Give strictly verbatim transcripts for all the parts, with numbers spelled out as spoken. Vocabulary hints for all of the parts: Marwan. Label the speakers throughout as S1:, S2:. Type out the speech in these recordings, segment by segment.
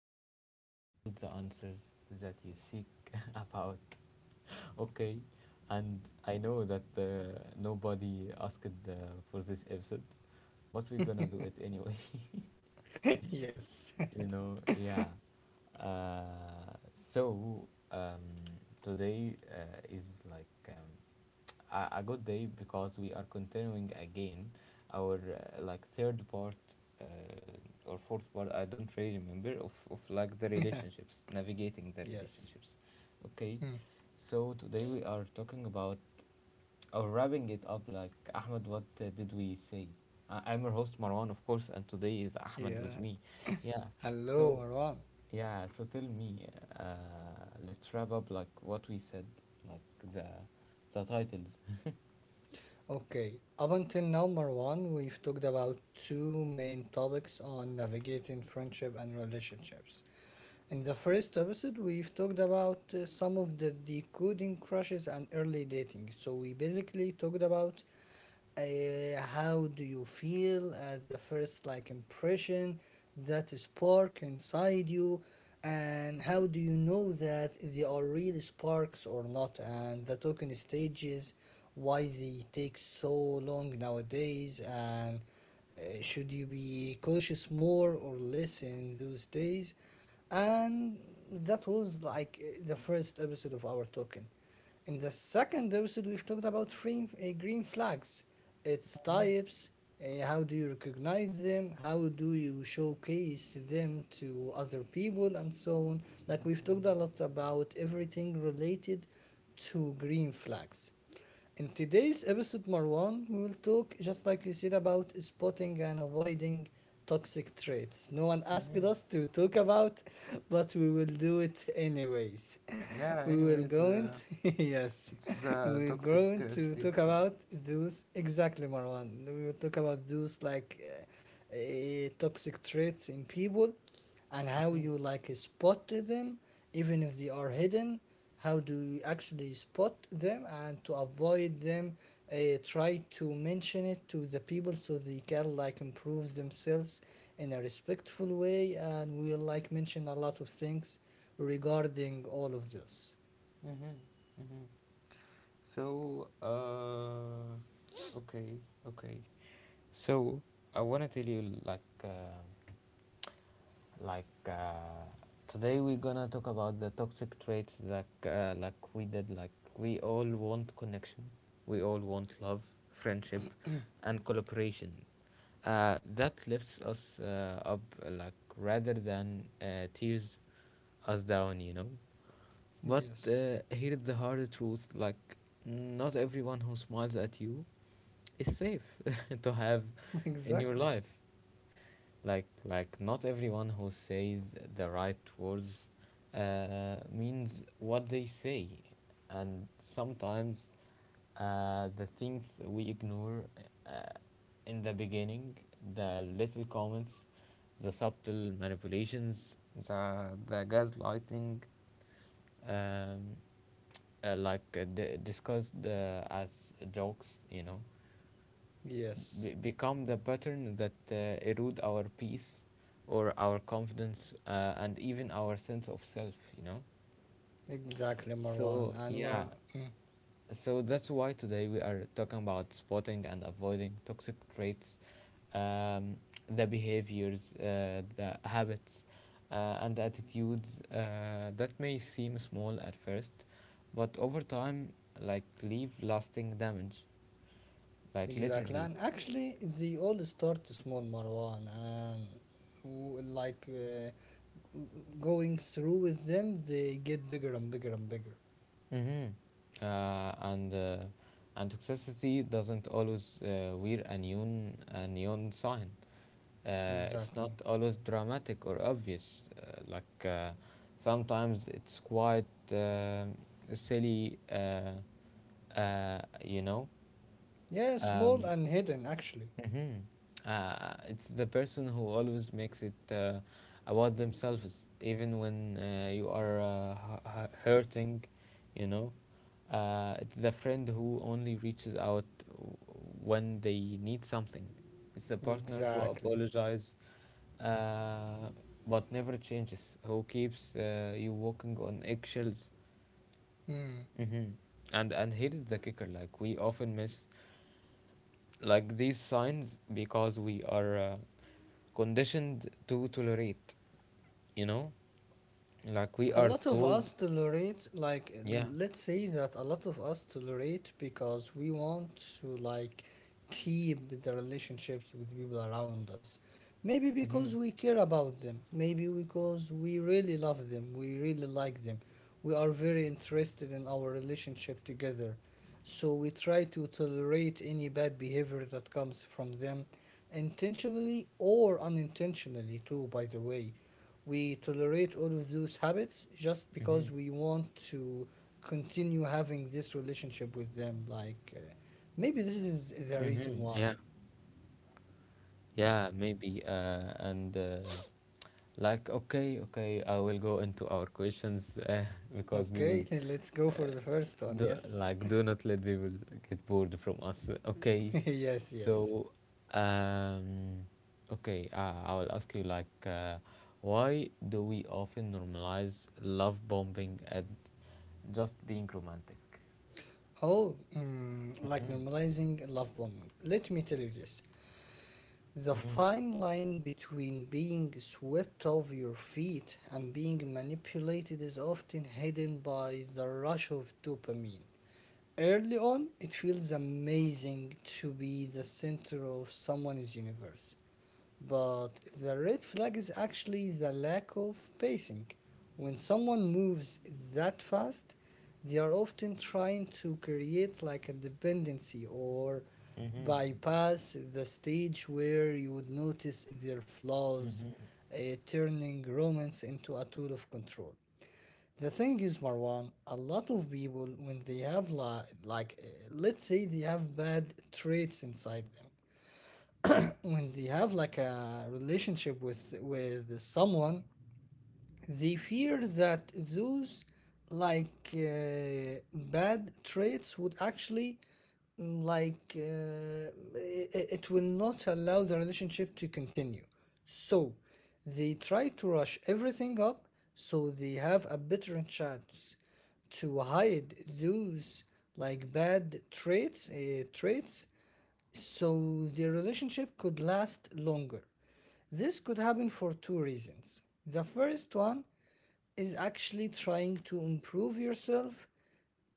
S1: where you find all the answers that you seek about. Okay, and I know that uh, nobody asked uh, for this episode, but we're gonna do it anyway.
S2: Yes.
S1: You know, yeah. Uh, so um, Today uh, is like. Um, a, a good day because we are continuing again our uh, like third part uh, or fourth part. I don't really remember of, of like the relationships, navigating the
S2: Yes.
S1: relationships. Okay,
S2: Hmm.
S1: so today we are talking about, or wrapping it up, like, Ahmed, what uh, did we say? I- i'm your host, Marwan, of course, and today is Ahmed
S2: Yeah.
S1: with me. Yeah,
S2: Hello,
S1: so
S2: Marwan.
S1: yeah, so tell me, uh, let's wrap up, like what we said, like the the titles.
S2: Okay. Up until now, Marwan, we've talked about two main topics on navigating friendship and relationships. In the first episode, we've talked about uh, some of the decoding crushes and early dating, so we basically talked about, Uh, how do you feel at the first like impression, that spark inside you, and how do you know that they are really sparks or not, and the token stages, why they take so long nowadays, and uh, should you be cautious more or less in those days. And that was like uh, the first episode of our token. In the second episode, we've talked about green, uh, green flags, its types, uh, how do you recognize them, how do you showcase them to other people, and so on. Like, we've talked a lot about everything related to green flags. In today's episode, Marwan, we will talk, just like you said, about spotting and avoiding toxic traits. No one asked
S1: Mhm.
S2: us to talk about, but we will do it anyways.
S1: Yeah,
S2: We will
S1: anyways,
S2: go
S1: uh,
S2: into, yes,
S1: it's
S2: we
S1: the
S2: will
S1: toxic
S2: go
S1: uh,
S2: into talk
S1: traits.
S2: about those, exactly, Marwan. We will talk about those, like, uh, uh, toxic traits in people, and how
S1: Mm-hmm.
S2: you like spot them, even if they are hidden. How do you actually spot them and to avoid them? Uh, try to mention it to the people so they can like improve themselves in a respectful way, and we'll like mention a lot of things regarding all of this.
S1: Mm-hmm. Mm-hmm. So, uh, okay, okay. So, I want to tell you, like, uh, like uh, today we're gonna talk about the toxic traits that uh, like we did, like, we all want connection, we all want love, friendship, and collaboration. Uh, that lifts us uh, up, uh, like, rather than uh, tears us down, you know. But
S2: Yes,
S1: uh, here is the hard truth, like not everyone who smiles at you is safe to have in your
S2: exactly.
S1: life. Like like not everyone who says the right words uh, means what they say. And sometimes uh, the things we ignore uh, in the beginning, the little comments, the subtle manipulations, the the gaslighting, um, uh, like uh, d- discussed uh, as jokes, you know,
S2: Yes,
S1: be- become the pattern that uh, erode our peace or our confidence, uh, and even our sense of self, you know.
S2: exactly, Marwan.
S1: So
S2: And we're,
S1: yeah,
S2: mm,
S1: so that's why today we are talking about spotting and avoiding toxic traits, um, the behaviors, uh, the habits, uh, and attitudes uh, that may seem small at first, but over time, like, leave lasting damage, like,
S2: exactly,
S1: literally.
S2: and actually, they all start small, Marwan, and w- like uh, going through with them, they get bigger and bigger and bigger.
S1: Mm-hmm. Uh, and uh, and toxicity doesn't always uh, wear a neon a neon sign. Uh, it's
S2: Exactly.
S1: not always dramatic or obvious. Uh, like, uh, sometimes it's quite uh, silly. Uh, uh, you know.
S2: Yeah, small
S1: Um,
S2: and hidden, actually.
S1: hmm Uh, it's the person who always makes it uh, about themselves, even when uh, you are uh, hu- hu- hurting, you know. Uh, it's the friend who only reaches out w- when they need something. It's the partner who
S2: Exactly.
S1: apologizes, uh, but never changes, who keeps uh, you walking on eggshells.
S2: Hmm.
S1: Mm-hmm. And and here is the kicker: like we often miss, like, these signs because we are uh, conditioned to tolerate, you know? Like we
S2: A
S1: are
S2: lot of
S1: told,
S2: us tolerate, like, uh,
S1: yeah.
S2: let's say that a lot of us tolerate because we want to, like, keep the relationships with people around us. Maybe because
S1: Hmm.
S2: we care about them. Maybe because we really love them. We really like them. We are very interested in our relationship together. So we try to tolerate any bad behavior that comes from them, intentionally or unintentionally, too, by the way. We tolerate all of those habits just
S1: Hmm.
S2: because we want to continue having this relationship with them. Like, uh, maybe this is the reason
S1: Hmm.
S2: why.
S1: Yeah. Yeah, maybe. Uh, and uh, Like, okay, okay, I will go into our questions, uh, because we will,
S2: Okay, let's go for
S1: uh,
S2: the first one.
S1: do,
S2: Yes,
S1: like, do not let people get bored from us. Okay.
S2: yes, yes.
S1: So, um, okay, uh, I will ask you, like, uh, why do we often normalize love bombing at just being romantic?
S2: Oh, mm, like
S1: Mm-hmm.
S2: normalizing love bombing. Let me tell you this. The
S1: Mm-hmm.
S2: fine line between being swept off your feet and being manipulated is often hidden by the rush of dopamine. Early on, it feels amazing to be the center of someone's universe. But the red flag is actually the lack of pacing. When someone moves that fast, they are often trying to create like a dependency or
S1: Mm-hmm.
S2: bypass the stage where you would notice their flaws,
S1: Mm-hmm.
S2: uh, turning romance into a tool of control. The thing is, Marwan, a lot of people, when they have li- like, uh, let's say, they have bad traits inside them. When they have like a relationship with with someone, they fear that those, like, uh, bad traits would actually, mm, like uh, it, it will not allow the relationship to continue. So they try to rush everything up so they have a better chance to hide those, like, bad traits uh, traits so the relationship could last longer. This could happen for two reasons. The first one is actually trying to improve yourself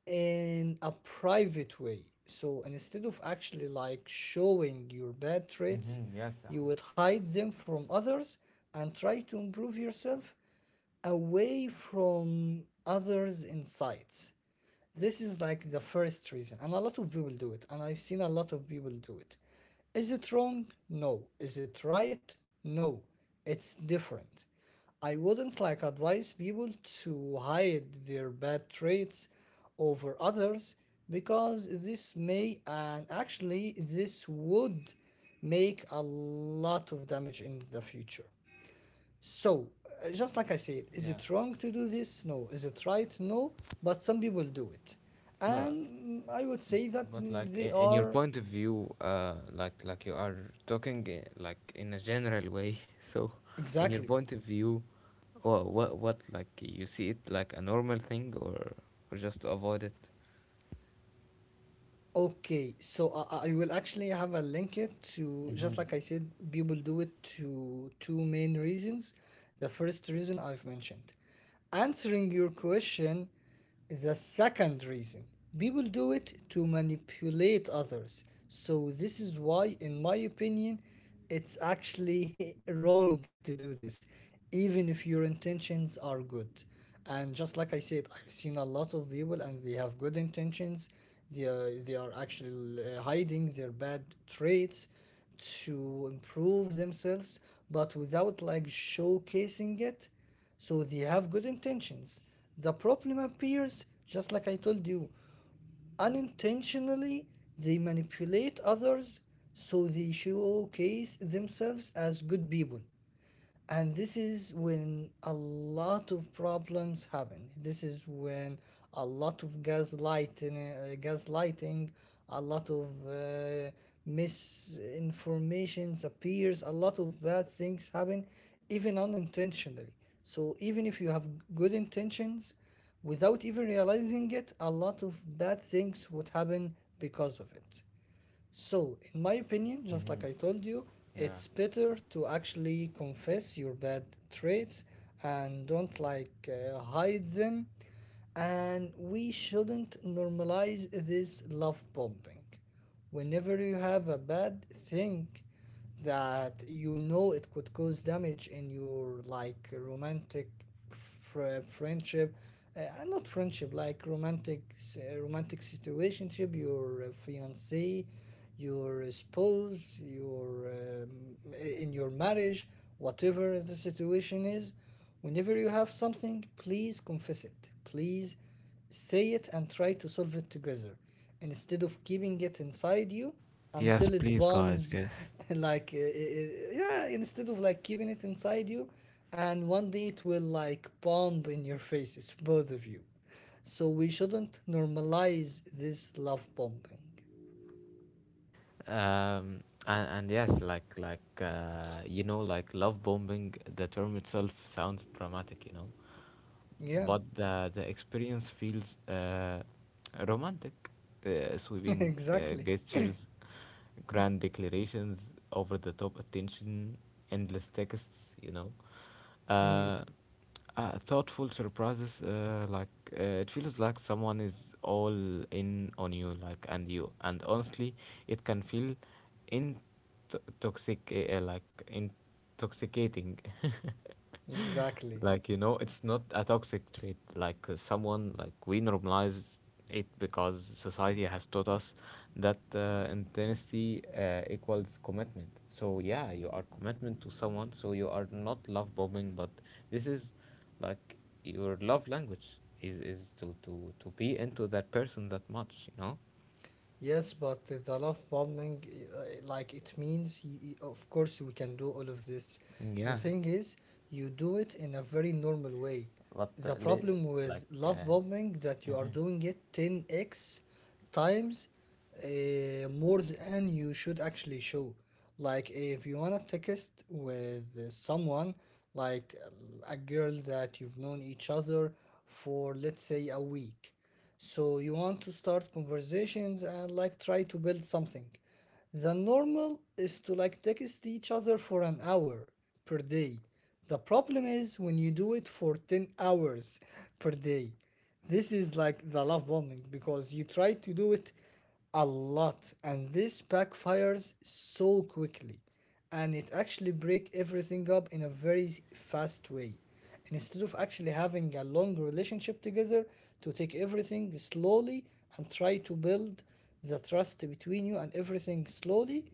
S2: in a private way. So instead of actually like showing your bad traits,
S1: Mm-hmm. Yes.
S2: you
S1: Ahmed.
S2: would hide them from others and try to improve yourself away from others' insights. This is like the first reason, and a lot of people do it, and I've seen a lot of people do it. Is it wrong? No. Is it right? No. It's different. I wouldn't like advise people to hide their bad traits over others, because this may, and actually this would, make a lot of damage in the future. So, uh, just like I said, is
S1: Yeah.
S2: it wrong to do this? No. Is it right? No. But some people do it.
S1: But
S2: And I would say that,
S1: But
S2: mm,
S1: like,
S2: they
S1: in, in your
S2: are
S1: point of view, uh, like like you are talking, uh, like, in a general way. So, in your
S2: exactly
S1: point of view, what what, what like you see it, like, a normal thing or or just to avoid it?
S2: okay. So, I, I I will actually have a link it to, just
S1: Mm-hmm.
S2: like I said, people do it to two main reasons. The first reason I've mentioned. Answering your question, the second reason people do it to manipulate others. So, this is why, in my opinion, it's actually wrong to do this, even if your intentions are good. And just like I said, I've seen a lot of people and they have good intentions. They are, they are actually uh, hiding their bad traits to improve themselves, but without like showcasing it. So they have good intentions. The problem appears, just like I told you, unintentionally, they manipulate others, so they showcase themselves as good people. And this is when a lot of problems happen. This is when a lot of gaslighting uh, gaslighting a lot of uh, misinformation appears, a lot of bad things happen, even unintentionally. So even if you have good intentions, without even realizing it, a lot of bad things would happen because of it. So, in my opinion, just
S1: Mm-hmm.
S2: like I told you,
S1: Yeah.
S2: it's better to actually confess your bad traits and don't like uh, hide them. And we shouldn't normalize this love bombing. Whenever you have a bad thing that you know it could cause damage in your, like, romantic fr- friendship, uh, uh, not friendship, like romantic s- uh, romantic situationship, your uh, fiance, your spouse, your um, in your marriage, whatever the situation is. Whenever you have something, please confess it. Please say it and try to solve it together instead of keeping it inside you
S1: Yes,
S2: until it
S1: please, guys,
S2: bombs.
S1: yes.
S2: Like uh, uh, uh, yeah, instead of like keeping it inside you, and one day it will like bomb in your faces, both of you. So we shouldn't normalize this love bombing.
S1: um and, and yes, like like uh, you know, like love bombing, the term itself sounds dramatic, you know.
S2: Yeah.
S1: But the the experience feels uh, romantic, uh, sweeping uh,
S2: Exactly.
S1: gestures, grand declarations, over the top attention, endless texts, you know,
S2: Mm,
S1: uh, uh, thoughtful surprises, uh, like, uh, it feels like someone is all in on you, like, and you, and honestly, it can feel in toxic, uh, like, intoxicating.
S2: exactly.
S1: Like, you know, it's not a toxic trait, like, uh, someone, like, we normalize it because society has taught us that uh, intensity uh, equals commitment. So yeah, you are commitment to someone. So you are not love bombing, but this is, like, your love language is is to to to be into that person that much, you know.
S2: Yes, but the love bombing, uh, like, it means, y- y- of course, we can do all of this. The
S1: Yeah,
S2: thing is, you do it in a very normal way.
S1: but uh,
S2: The
S1: li-
S2: problem with
S1: like,
S2: love
S1: uh,
S2: bombing that you are
S1: mhm.
S2: doing it ten x times uh, more than you should actually show. Like if you wanna text with uh, someone, like, um, a girl that you've known each other for, let's say, a week, so you want to start conversations and like try to build something. The normal is to like text each other for an hour per day. The problem is when you do it for ten hours per day. This is like the love bombing, because you try to do it a lot, and this backfires so quickly, and it actually breaks everything up in a very fast way instead of actually having a long relationship together, to take everything slowly and try to build the trust between you and everything slowly.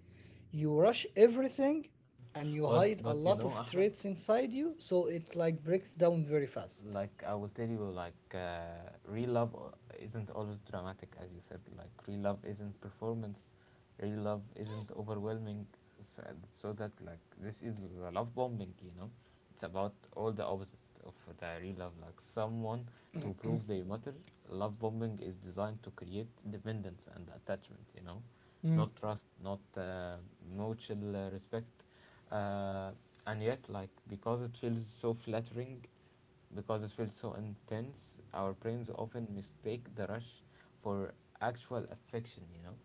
S2: You rush everything, and you
S1: but
S2: hide a
S1: but you
S2: lot
S1: know,
S2: of
S1: Ahmed,
S2: traits inside you, so it like breaks down very fast.
S1: like, I will tell you, like, uh, real love uh, isn't always dramatic, as you said. Like, real love isn't performance, real love isn't overwhelming. So, so that, like, this is the love bombing, you know, it's about all the opposite of the real love. Like, someone to prove they matter. Love bombing is designed to create dependence and attachment, you know,
S2: Mm.
S1: not trust, not uh, mutual uh, respect. Uh, and yet, like, because it feels so flattering, because it feels so intense, our brains often mistake the rush for actual affection, you know?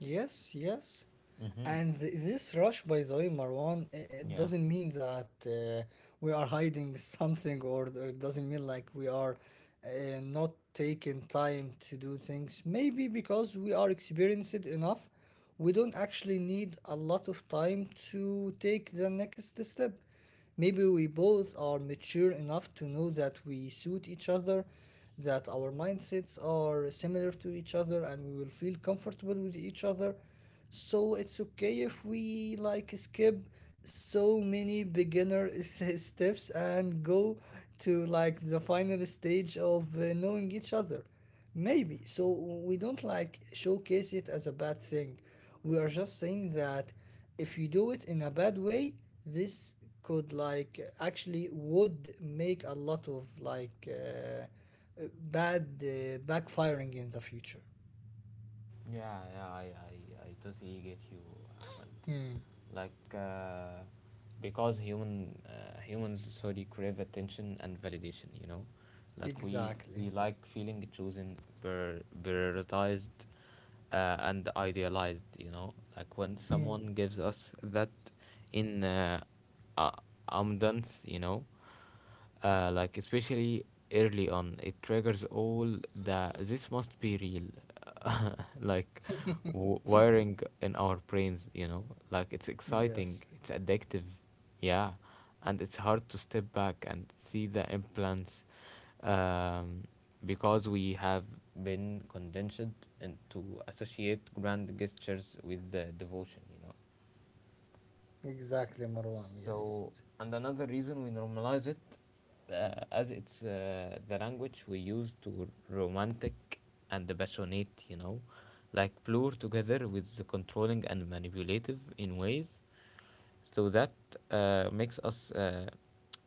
S2: Yes, yes.
S1: Mm-hmm.
S2: And th- this rush, by the way, Marwan, i- it
S1: Yeah.
S2: doesn't mean that uh, we are hiding something, or th- it doesn't mean like we are uh, not taking time to do things. Maybe because we are experienced enough, we don't actually need a lot of time to take the next step. Maybe we both are mature enough to know that we suit each other, that our mindsets are similar to each other, and we will feel comfortable with each other. So it's okay if we like skip so many beginner s- steps and go to, like, the final stage of uh, knowing each other. Maybe. So we don't like showcase it as a bad thing. We are just saying that if you do it in a bad way, this could, like, actually would make a lot of like uh, uh, bad uh, backfiring in the future.
S1: Yeah, yeah, I, I, I totally get you, Ahmed.
S2: Hmm.
S1: Like, uh, because human, uh, humans, sorry, crave attention and validation. You know, like, we we
S2: Exactly.
S1: like feeling chosen, per prioritized, uh, and idealized. You know, like when
S2: Hmm.
S1: someone gives us that in, uh, uh, abundance, you know, uh, like, especially early on, it triggers all the, this must be real, like, w- wiring in our brains, you know, like it's exciting,
S2: Yes.
S1: it's addictive, yeah. And it's hard to step back and see the implants, um, because we have been conditioned and to associate grand gestures with the devotion, you know.
S2: Exactly, Marwan. Yes.
S1: So, and another reason we normalize it, uh, as it's uh, the language we use to romantic and passionate, you know, like blur together with the controlling and manipulative in ways, so that uh, makes us uh,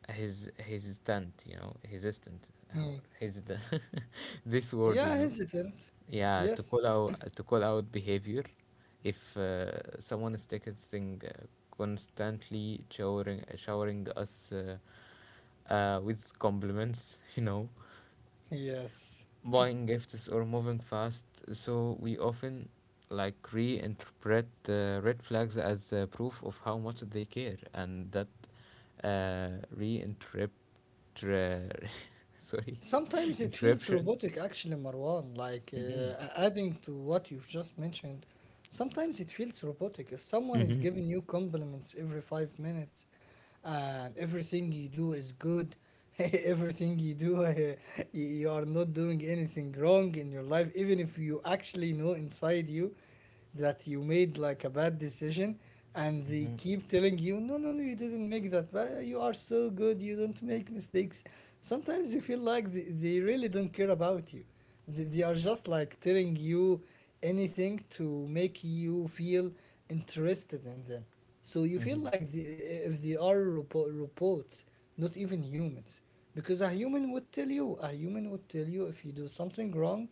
S1: his hesitant, you know, hesitant.
S2: Hmm.
S1: How his the, this word,
S2: Yeah,
S1: you know.
S2: hesitant.
S1: Yeah, to
S2: Yes.
S1: call out to call out behavior. If uh, someone is texting uh, constantly, showering showering us, uh, uh, with compliments, you know,
S2: Yes.
S1: buying gifts or moving fast, so we often, like, reinterpret, uh, red flags as uh, proof of how much they care, and that, uh, reinterpret, sorry,
S2: Sometimes it feels
S1: interruption.
S2: robotic, actually, Marwan, like,
S1: Mm-hmm.
S2: uh, adding to what you've just mentioned. Sometimes it feels robotic. If someone is
S1: Mm-hmm.
S2: giving you compliments every five minutes and everything you do is good, everything you do, uh, you you are not doing anything wrong in your life, even if you actually know inside you that you made like a bad decision, and they
S1: Mm-hmm.
S2: keep telling you no, no, no, you didn't make that bad, you are so good, you don't make mistakes. Sometimes you feel like they, they really don't care about you. They, they are just like telling you anything to make you feel interested in them. So you feel
S1: Mm-hmm.
S2: like the, if they are robo- robots, not even humans. Because a human would tell you, a human would tell you if you do something wrong,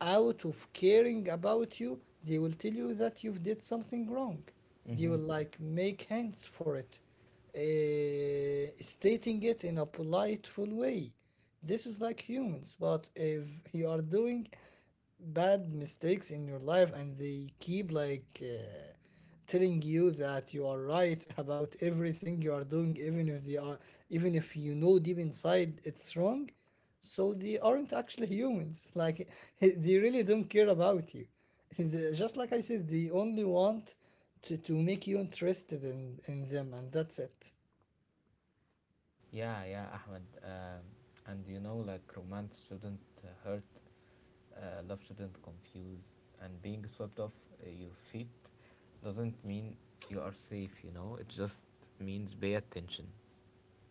S2: out of caring about you, they will tell you that you've did something wrong. They
S1: Mm-hmm.
S2: will like make hands for it, uh, stating it in a politeful way. This is like humans. But if you are doing bad mistakes in your life and they keep like uh, telling you that you are right about everything you are doing, even if they are, even if you know deep inside it's wrong, so they aren't actually humans. Like they really don't care about you. They- Just like I said, they only want to, to make you interested in, in them, and that's it.
S1: Yeah, yeah, Ahmed. Um, and you know, like romance shouldn't uh, hurt, uh, love shouldn't confuse, and being swept off uh, your feet doesn't mean you are safe. You know, it just means pay attention.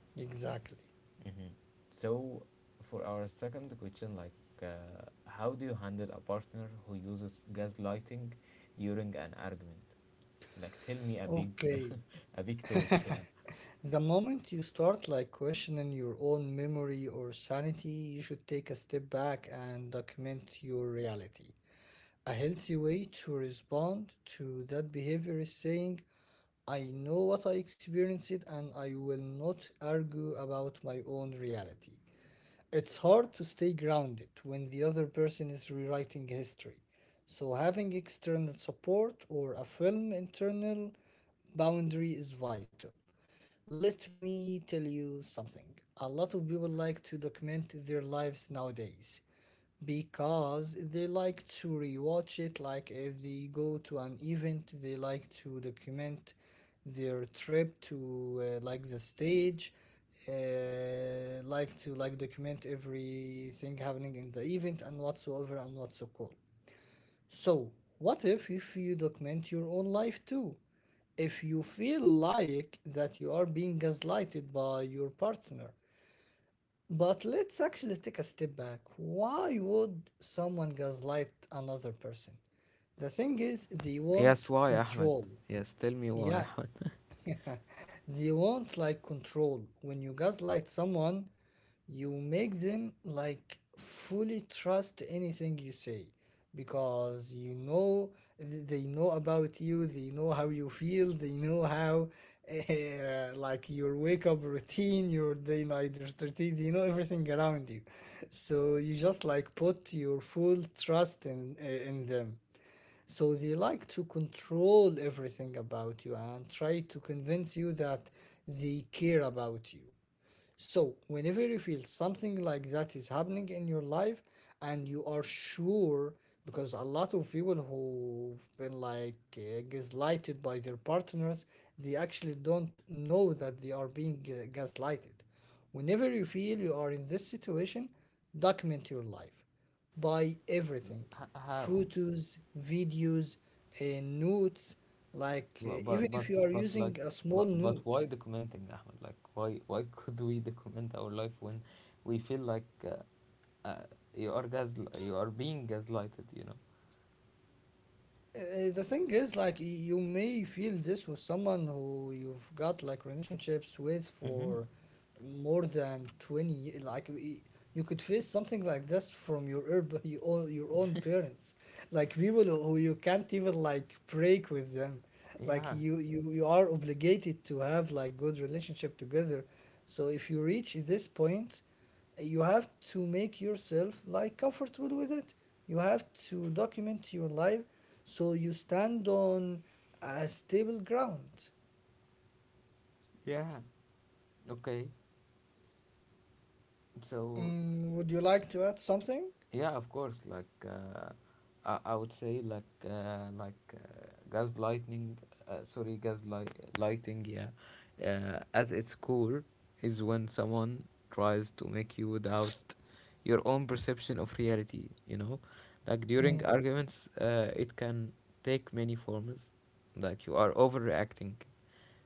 S2: Exactly.
S1: Mm-hmm. So, for our second question, like, uh, how do you handle a partner who uses gaslighting during an argument? Like, tell me a big,
S2: Okay.
S1: a big talk. Yeah.
S2: The moment you start like questioning your own memory or sanity, you should take a step back and document your reality. A healthy way to respond to that behavior is saying, I know what I experienced and I will not argue about my own reality. It's hard to stay grounded when the other person is rewriting history. So, having external support or a firm internal boundary is vital. Let me tell you something. A lot of people like to document their lives nowadays, because they like to rewatch it. Like if they go to an event, they like to document their trip to uh, like the stage, uh, like to like document everything happening in the event and whatsoever, and what's so cool. So what if if you document your own life too, if you feel like that you are being gaslighted by your partner? But let's actually take a step back. Why would someone gaslight another person? The thing is, they
S1: Yes,
S2: want
S1: why, Ahmed?
S2: control.
S1: Yes, tell me why,
S2: Yeah,
S1: Ahmed.
S2: they want like control. When you gaslight someone, you make them like fully trust anything you say, because you know, th- they know about you, they know how you feel, they know how, uh, like your wake up routine, your day night routine, they know everything around you. So you just like put your full trust in, uh, in them. So they like to control everything about you and try to convince you that they care about you. So, whenever you feel something like that is happening in your life and you are sure, because a lot of people who've been like uh, gaslighted by their partners, they actually don't know that they are being uh, gaslighted. Whenever you feel you are in this situation, document your life by everything.
S1: H- how?
S2: Photos, videos, uh, notes. Like, uh,
S1: But,
S2: even
S1: but but
S2: if you are
S1: but like,
S2: using a small
S1: but, but why
S2: note,
S1: documenting, Ahmed? Like, why why could we document our life when we feel like, uh, uh, you are gas you are being gaslighted? You know.
S2: Uh, the thing is, like, you may feel this with someone who you've got like relationships with
S1: Mm-hmm.
S2: for more than twenty ye- like y- you could face something like this from your urb your own, your own parents. Like people who who you can't even like break with them. Like
S1: Yeah,
S2: you you you are obligated to have like good relationship together. So if you reach this point, you have to make yourself like comfortable with it. You have to document your life, so you stand on a stable ground.
S1: yeah. Okay. So.
S2: Mm, would you like to add something?
S1: Yeah, of course. Like, uh, I, I would say, like, uh, like uh, gaslighting. Uh, sorry, gaslight lighting. Yeah, uh, as its core is when someone tries to make you doubt your own perception of reality. You know, like during
S2: Mm,
S1: arguments, uh, it can take many forms. Like, you are overreacting.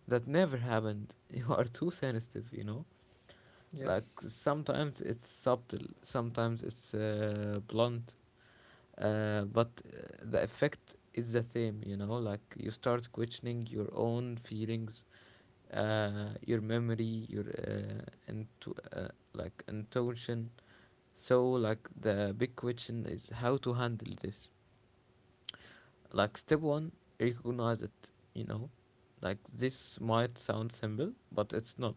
S1: That never happened. You are too sensitive. You know. Like
S2: yes.
S1: sometimes it's subtle, sometimes it's uh, blunt, uh, but uh, the effect is the same. You know, like you start questioning your own feelings, uh, your memory, your, uh, into uh, like, intuition. So, like, the big question is, how to handle this. Like, step one, recognize it. You know, like this might sound simple, but it's not.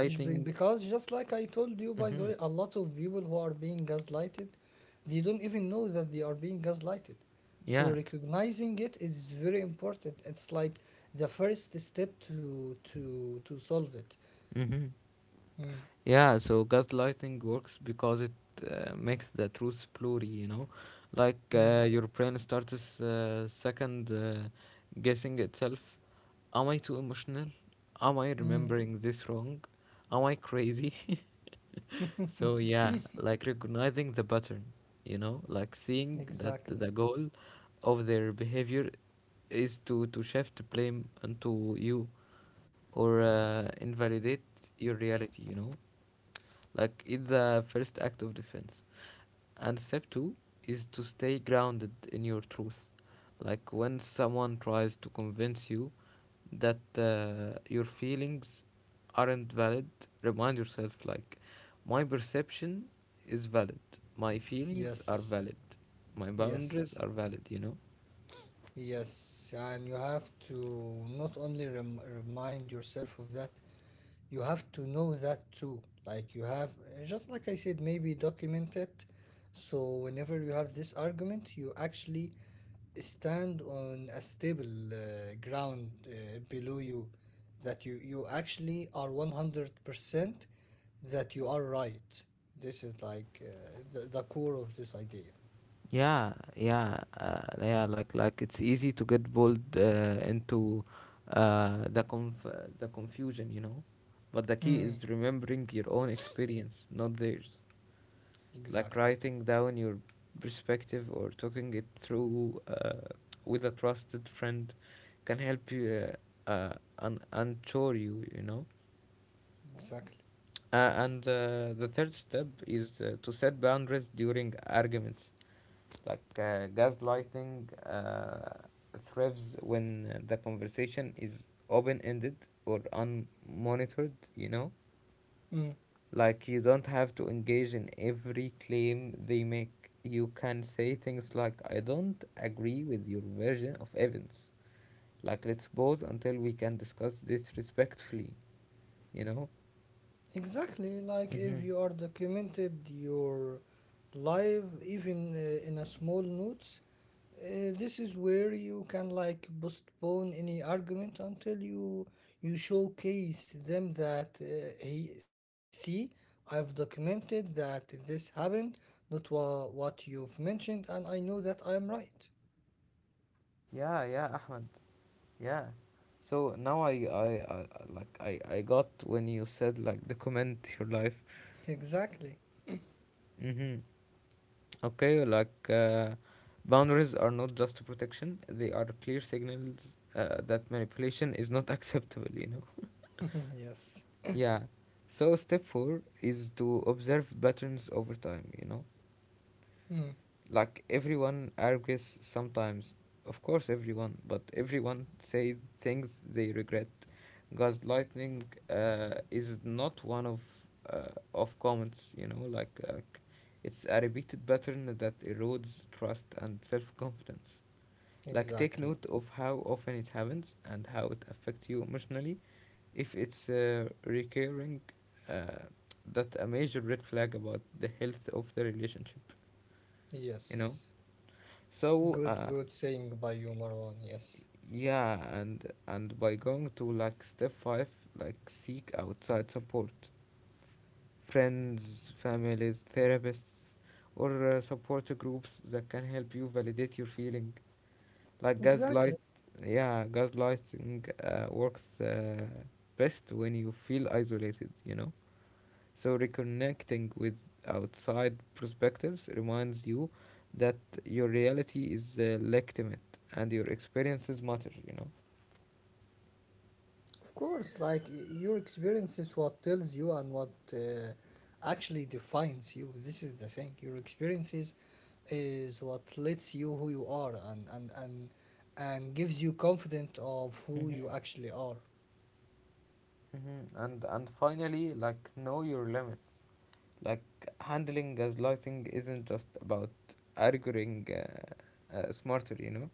S2: It's be- because just like I told you, by the
S1: Mm-hmm.
S2: way, a lot of people who are being gaslighted, they don't even know that they are being gaslighted. So
S1: Yeah.
S2: recognizing it is very important. It's like the first step to to to solve it.
S1: Mm-hmm.
S2: Mm,
S1: Yeah, so gaslighting works because it uh, makes the truth blurry, you know? Like,
S2: mm.
S1: uh, your brain starts uh, second, uh, guessing itself. Am I too emotional? Am I
S2: Mm.
S1: remembering this wrong? Am I crazy? So, yeah, like, recognizing the pattern, you know? Like seeing that
S2: Exactly.
S1: the goal of their behavior is to, to shift blame onto you or uh, invalidate your reality, you know? Like it's the first act of defense. And step two is to stay grounded in your truth. Like, when someone tries to convince you that uh, your feelings aren't valid, remind yourself, like, my perception is valid, my feelings are
S2: Yes,
S1: valid, my boundaries
S2: yes,
S1: are valid, you know?
S2: yes. And you have to not only rem remind yourself of that, you have to know that too. Like you have, just like I said, maybe document it. So whenever you have this argument, you actually stand on a stable uh, ground uh, below you, that you, you actually are one hundred percent that you are right. This is like uh, the, the core of this idea.
S1: Yeah, yeah, uh, yeah. Like, like it's easy to get pulled uh, into uh, the conf- the confusion, you know. But the key
S2: Mm.
S1: is remembering your own experience, not theirs. Like
S2: Exactly.
S1: writing down your perspective or talking it through, uh, with a trusted friend, can help you uh, uh, un- unsure you, you know.
S2: Exactly.
S1: Uh, and uh, The third step is uh, to set boundaries during arguments. Like, uh, gaslighting uh, thrives when uh, the conversation is open ended or unmonitored, you know?
S2: Mm.
S1: Like, you don't have to engage in every claim they make. You can say things like, I don't agree with your version of events. Like, let's pause until we can discuss this respectfully, you know?
S2: Exactly. Like if
S1: Mm-hmm.
S2: you are documented your life, even uh, in a small notes, uh, this is where you can like postpone any argument until you you showcase them that, uh, hey, see, I've documented that this happened, not wha- what you've mentioned, and I know that I am right.
S1: Yeah, yeah, Ahmed. Yeah. So now I I, I I- like I I got when you said, like, document your life.
S2: Exactly.
S1: Mm-hmm. Okay, like uh, boundaries are not just protection; they are clear signals uh, that manipulation is not acceptable. You know.
S2: Yes.
S1: Yeah. So step four is to observe patterns over time. You know.
S2: Mm,
S1: Like everyone argues sometimes. Of course, everyone, but everyone say things they regret. Gaslighting uh, is not one of uh, of comments. You know, like uh, it's a repeated pattern that erodes trust and self confidence. Like take note
S2: exactly.
S1: of how often it happens and how it affects you emotionally. If it's uh, recurring, uh, that's a major red flag about the health of the relationship. You know.
S2: Yes.
S1: So, uh,
S2: Good, good saying by you, Marwan. Yes.
S1: Yeah, and and by going to like step five, like seek outside support, friends, families, therapists, or uh, support groups that can help you validate your feeling. Like gaslight,
S2: Exactly.
S1: yeah, gaslighting uh, works uh, best when you feel isolated. You know, so reconnecting with outside perspectives reminds you that your reality is uh, legitimate and your experiences matter. You know.
S2: Of course, like y- your experience is what tells you and what uh, actually defines you. This is the thing. Your experiences is what lets you who you are, and and and and gives you confidence of who you actually are.
S1: Mhm. And and finally, like know your limits. Like handling gaslighting isn't just about arguing uh, uh, smarter, you know.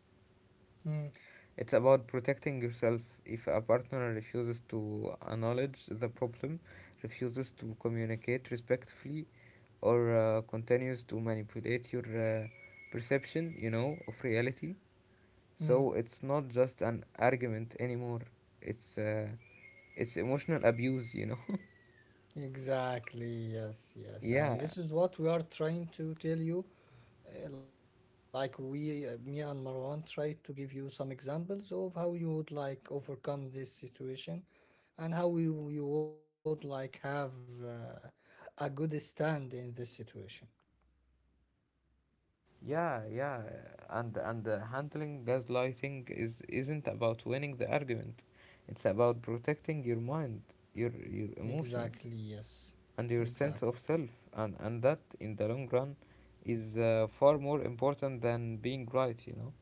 S2: Mm,
S1: It's about protecting yourself if a partner refuses to acknowledge the problem, refuses to communicate respectfully, or uh, continues to manipulate your uh, perception, you know, of reality. So
S2: mm.
S1: it's not just an argument anymore. It's uh, it's emotional abuse, you know.
S2: Exactly, yes, yes. And
S1: Yeah.
S2: this is what we are trying to tell you. Uh, like we, uh, me and Marwan, try to give you some examples of how you would like overcome this situation, and how you, you would like have uh, a good stand in this situation.
S1: Yeah, yeah, and and the handling gaslighting is isn't about winning the argument. It's about protecting your mind, your your emotions,
S2: Exactly, yes,
S1: and your sense
S2: exactly.
S1: of self, and and that in the long run is uh, far more important than being right, you know.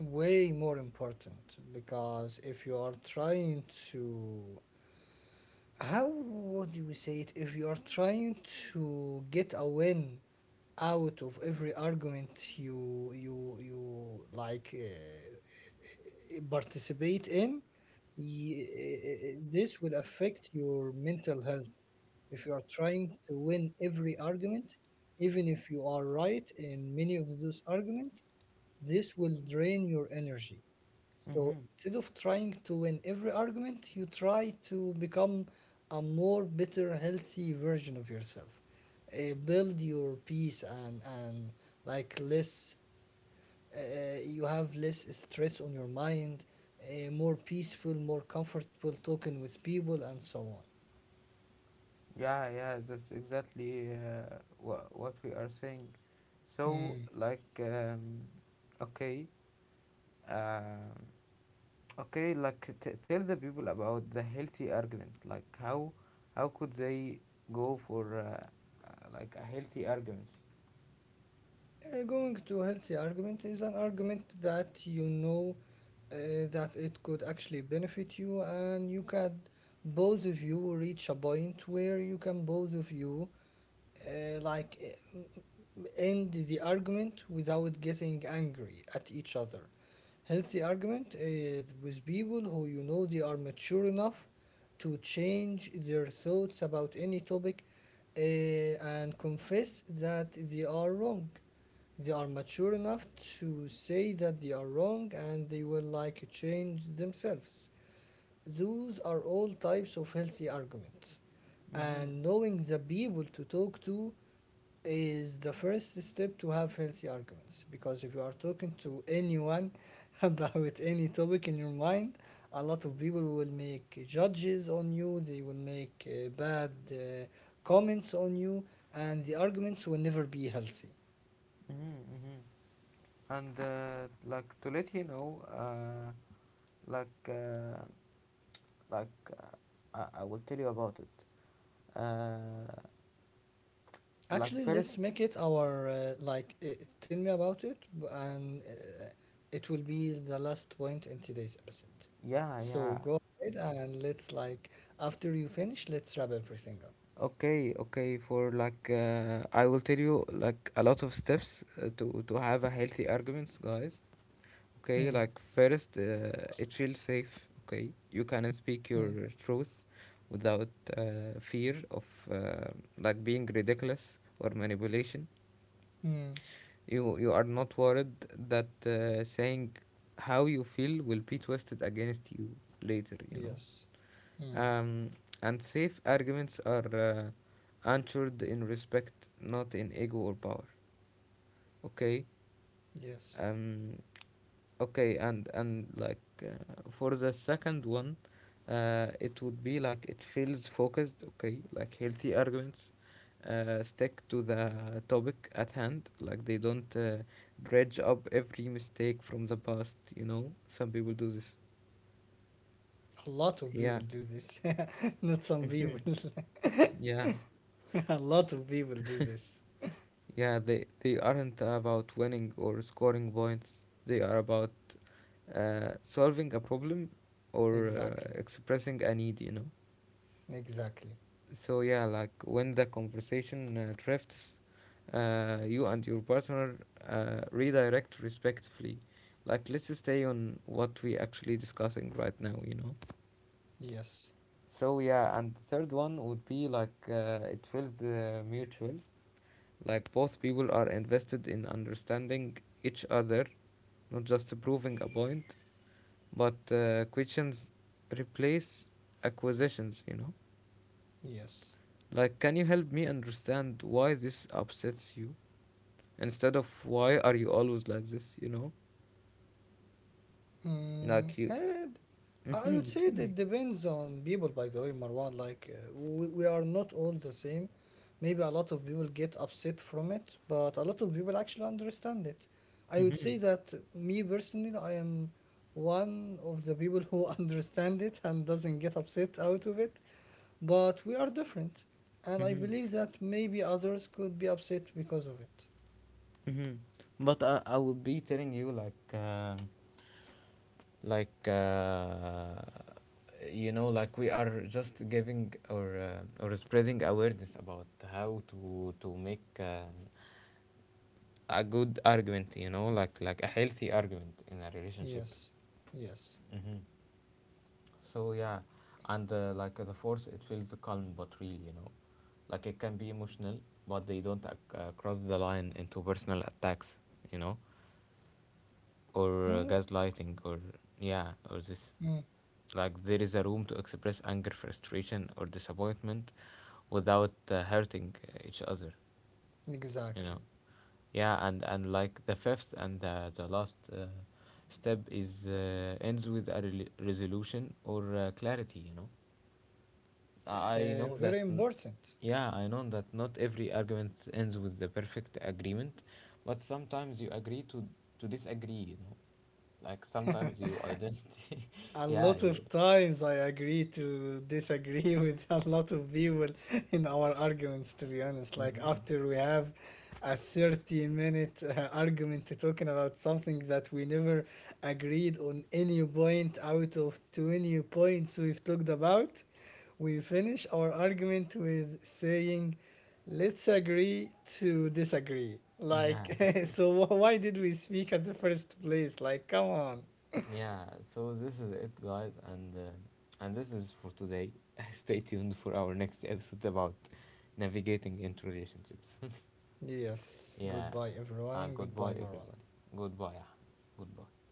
S2: Way more important because if you are trying to, how would you say it, if you are trying to get a win out of every argument you you you like uh, participate in, y- uh, this will affect your mental health. If you are trying to win every argument, even if you are right in many of those arguments, this will drain your energy. So
S1: Mm-hmm.
S2: instead of trying to win every argument, you try to become a more better, healthy version of yourself. Uh, build your peace and and like less. Uh, you have less stress on your mind, uh, more peaceful, more comfortable talking with people, and so
S1: Yeah, yeah, that's exactly uh, wha- what we are saying. So,
S2: on.
S1: like, um, okay, um okay, like t- tell the people about the healthy argument. Like how how could they go for uh, uh, like a healthy arguments?
S2: Uh, going to healthy argument is an argument that you know, uh, that it could actually benefit you, and you can, both of you, reach a point where you can, both of you, uh, like uh, end the argument without getting angry at each other. Healthy argument is with people who you know they are mature enough to change their thoughts about any topic, uh, and confess that they are wrong. They are mature enough to say that they are wrong and they will like change themselves. Those are all types of healthy arguments,
S1: Mm-hmm.
S2: and knowing the people to talk to is the first step to have healthy arguments. Because if you are talking to anyone about any topic in your mind, a lot of people will make judges on you, they will make uh, bad uh, comments on you, and the arguments will never be healthy.
S1: Mm-hmm. Mm-hmm. And uh, like to let you know, uh, like uh, like uh, I, I will tell you about it. Uh, like
S2: Actually,
S1: first
S2: let's make it our uh, like. Uh, tell me about it, b- and uh, it will be the last point in today's episode.
S1: yeah
S2: So
S1: yeah
S2: go ahead and let's like, after you finish, let's wrap everything up.
S1: Okay, okay, for like uh, I will tell you like a lot of steps uh, to to have a healthy arguments, guys. Okay,
S2: Hmm.
S1: like first, uh, it feels safe. Okay, you can speak your
S2: Hmm.
S1: truth without uh, fear of uh, like being ridiculous or manipulation.
S2: Hmm.
S1: you you are not worried that uh, saying how you feel will be twisted against you later, you
S2: Yes. Hmm.
S1: know. Um, and safe arguments are uh, answered in respect, not in ego or power. Okay,
S2: Yes.
S1: um okay, and and like uh, for the second one, uh, it would be like it feels focused. Okay, like healthy arguments uh, stick to the topic at hand. Like they don't uh, dredge up every mistake from the past, you know. Some people do this.
S2: A lot of people
S1: Yeah.
S2: do this. Not some people.
S1: Yeah.
S2: A lot of people do this.
S1: Yeah, they they aren't about winning or scoring points. They are about uh, solving a problem or uh,
S2: Exactly.
S1: expressing a need, you know.
S2: Exactly.
S1: So yeah, like when the conversation uh, drifts, uh, you and your partner uh, redirect respectfully. Like let's stay on what we actually discussing right now, you know.
S2: Yes.
S1: So yeah, and the third one would be like uh, it feels uh, mutual. Like both people are invested in understanding each other, not just proving a point, but uh, questions replace acquisitions, you know.
S2: Yes.
S1: Like, can you help me understand why this upsets you, instead of why are you always like this, you know.
S2: Mm,
S1: Like you,
S2: and I
S1: mm-hmm,
S2: would say
S1: tell me.
S2: that depends on people, by the way, Marwan. Like, uh, we, we are not all the same. Maybe a lot of people get upset from it, but a lot of people actually understand it. I would
S1: Mm-hmm,
S2: say that me personally, I am one of the people who understand it and doesn't get upset out of it, but we are different. And I
S1: mm-hmm,
S2: believe that maybe others could be upset because of it.
S1: mm-hmm. But I, I would be telling you, like um, like uh, you know, like we are just giving or uh, or spreading awareness about how to to make uh, a good argument, you know, like like a healthy argument in a relationship.
S2: Yes, yes.
S1: Mm-hmm. So yeah, and uh, like uh, the force, it feels calm but real, you know. Like it can be emotional, but they don't ac- uh, cross the line into personal attacks, you know, or uh,
S2: Mm,
S1: gaslighting or yeah or this.
S2: mm,
S1: Like there is a room to express anger, frustration or disappointment without uh, hurting uh, each other, you
S2: exactly.
S1: know. Yeah, and and like the fifth and the, the last uh, step is uh, ends with a rel resolution or uh, clarity, you know. I
S2: Uh,
S1: know that,
S2: very
S1: n-
S2: important.
S1: Yeah, I know that not every argument ends with the perfect agreement, but sometimes you agree to to disagree, you know. Like sometimes you ident,
S2: A
S1: yeah,
S2: lot
S1: you,
S2: of times I agree to disagree with a lot of people in our arguments, to be honest. Like,
S1: hmm
S2: after we have a thirty minute uh, argument to talking about something that we never agreed on any point out of twenty points we've talked about, we finish our argument with saying, let's agree to disagree.
S1: Yeah,
S2: Like, so wh- why did we speak at the first place? Like, come on.
S1: yeah. So this is it, guys, and uh, and this is for today. Stay tuned for our next episode about navigating into relationships.
S2: Yes,
S1: Yeah,
S2: goodbye everyone
S1: uh,
S2: and
S1: goodbye,
S2: goodbye Marwan.
S1: everybody. Goodbye, Ahmed. Goodbye.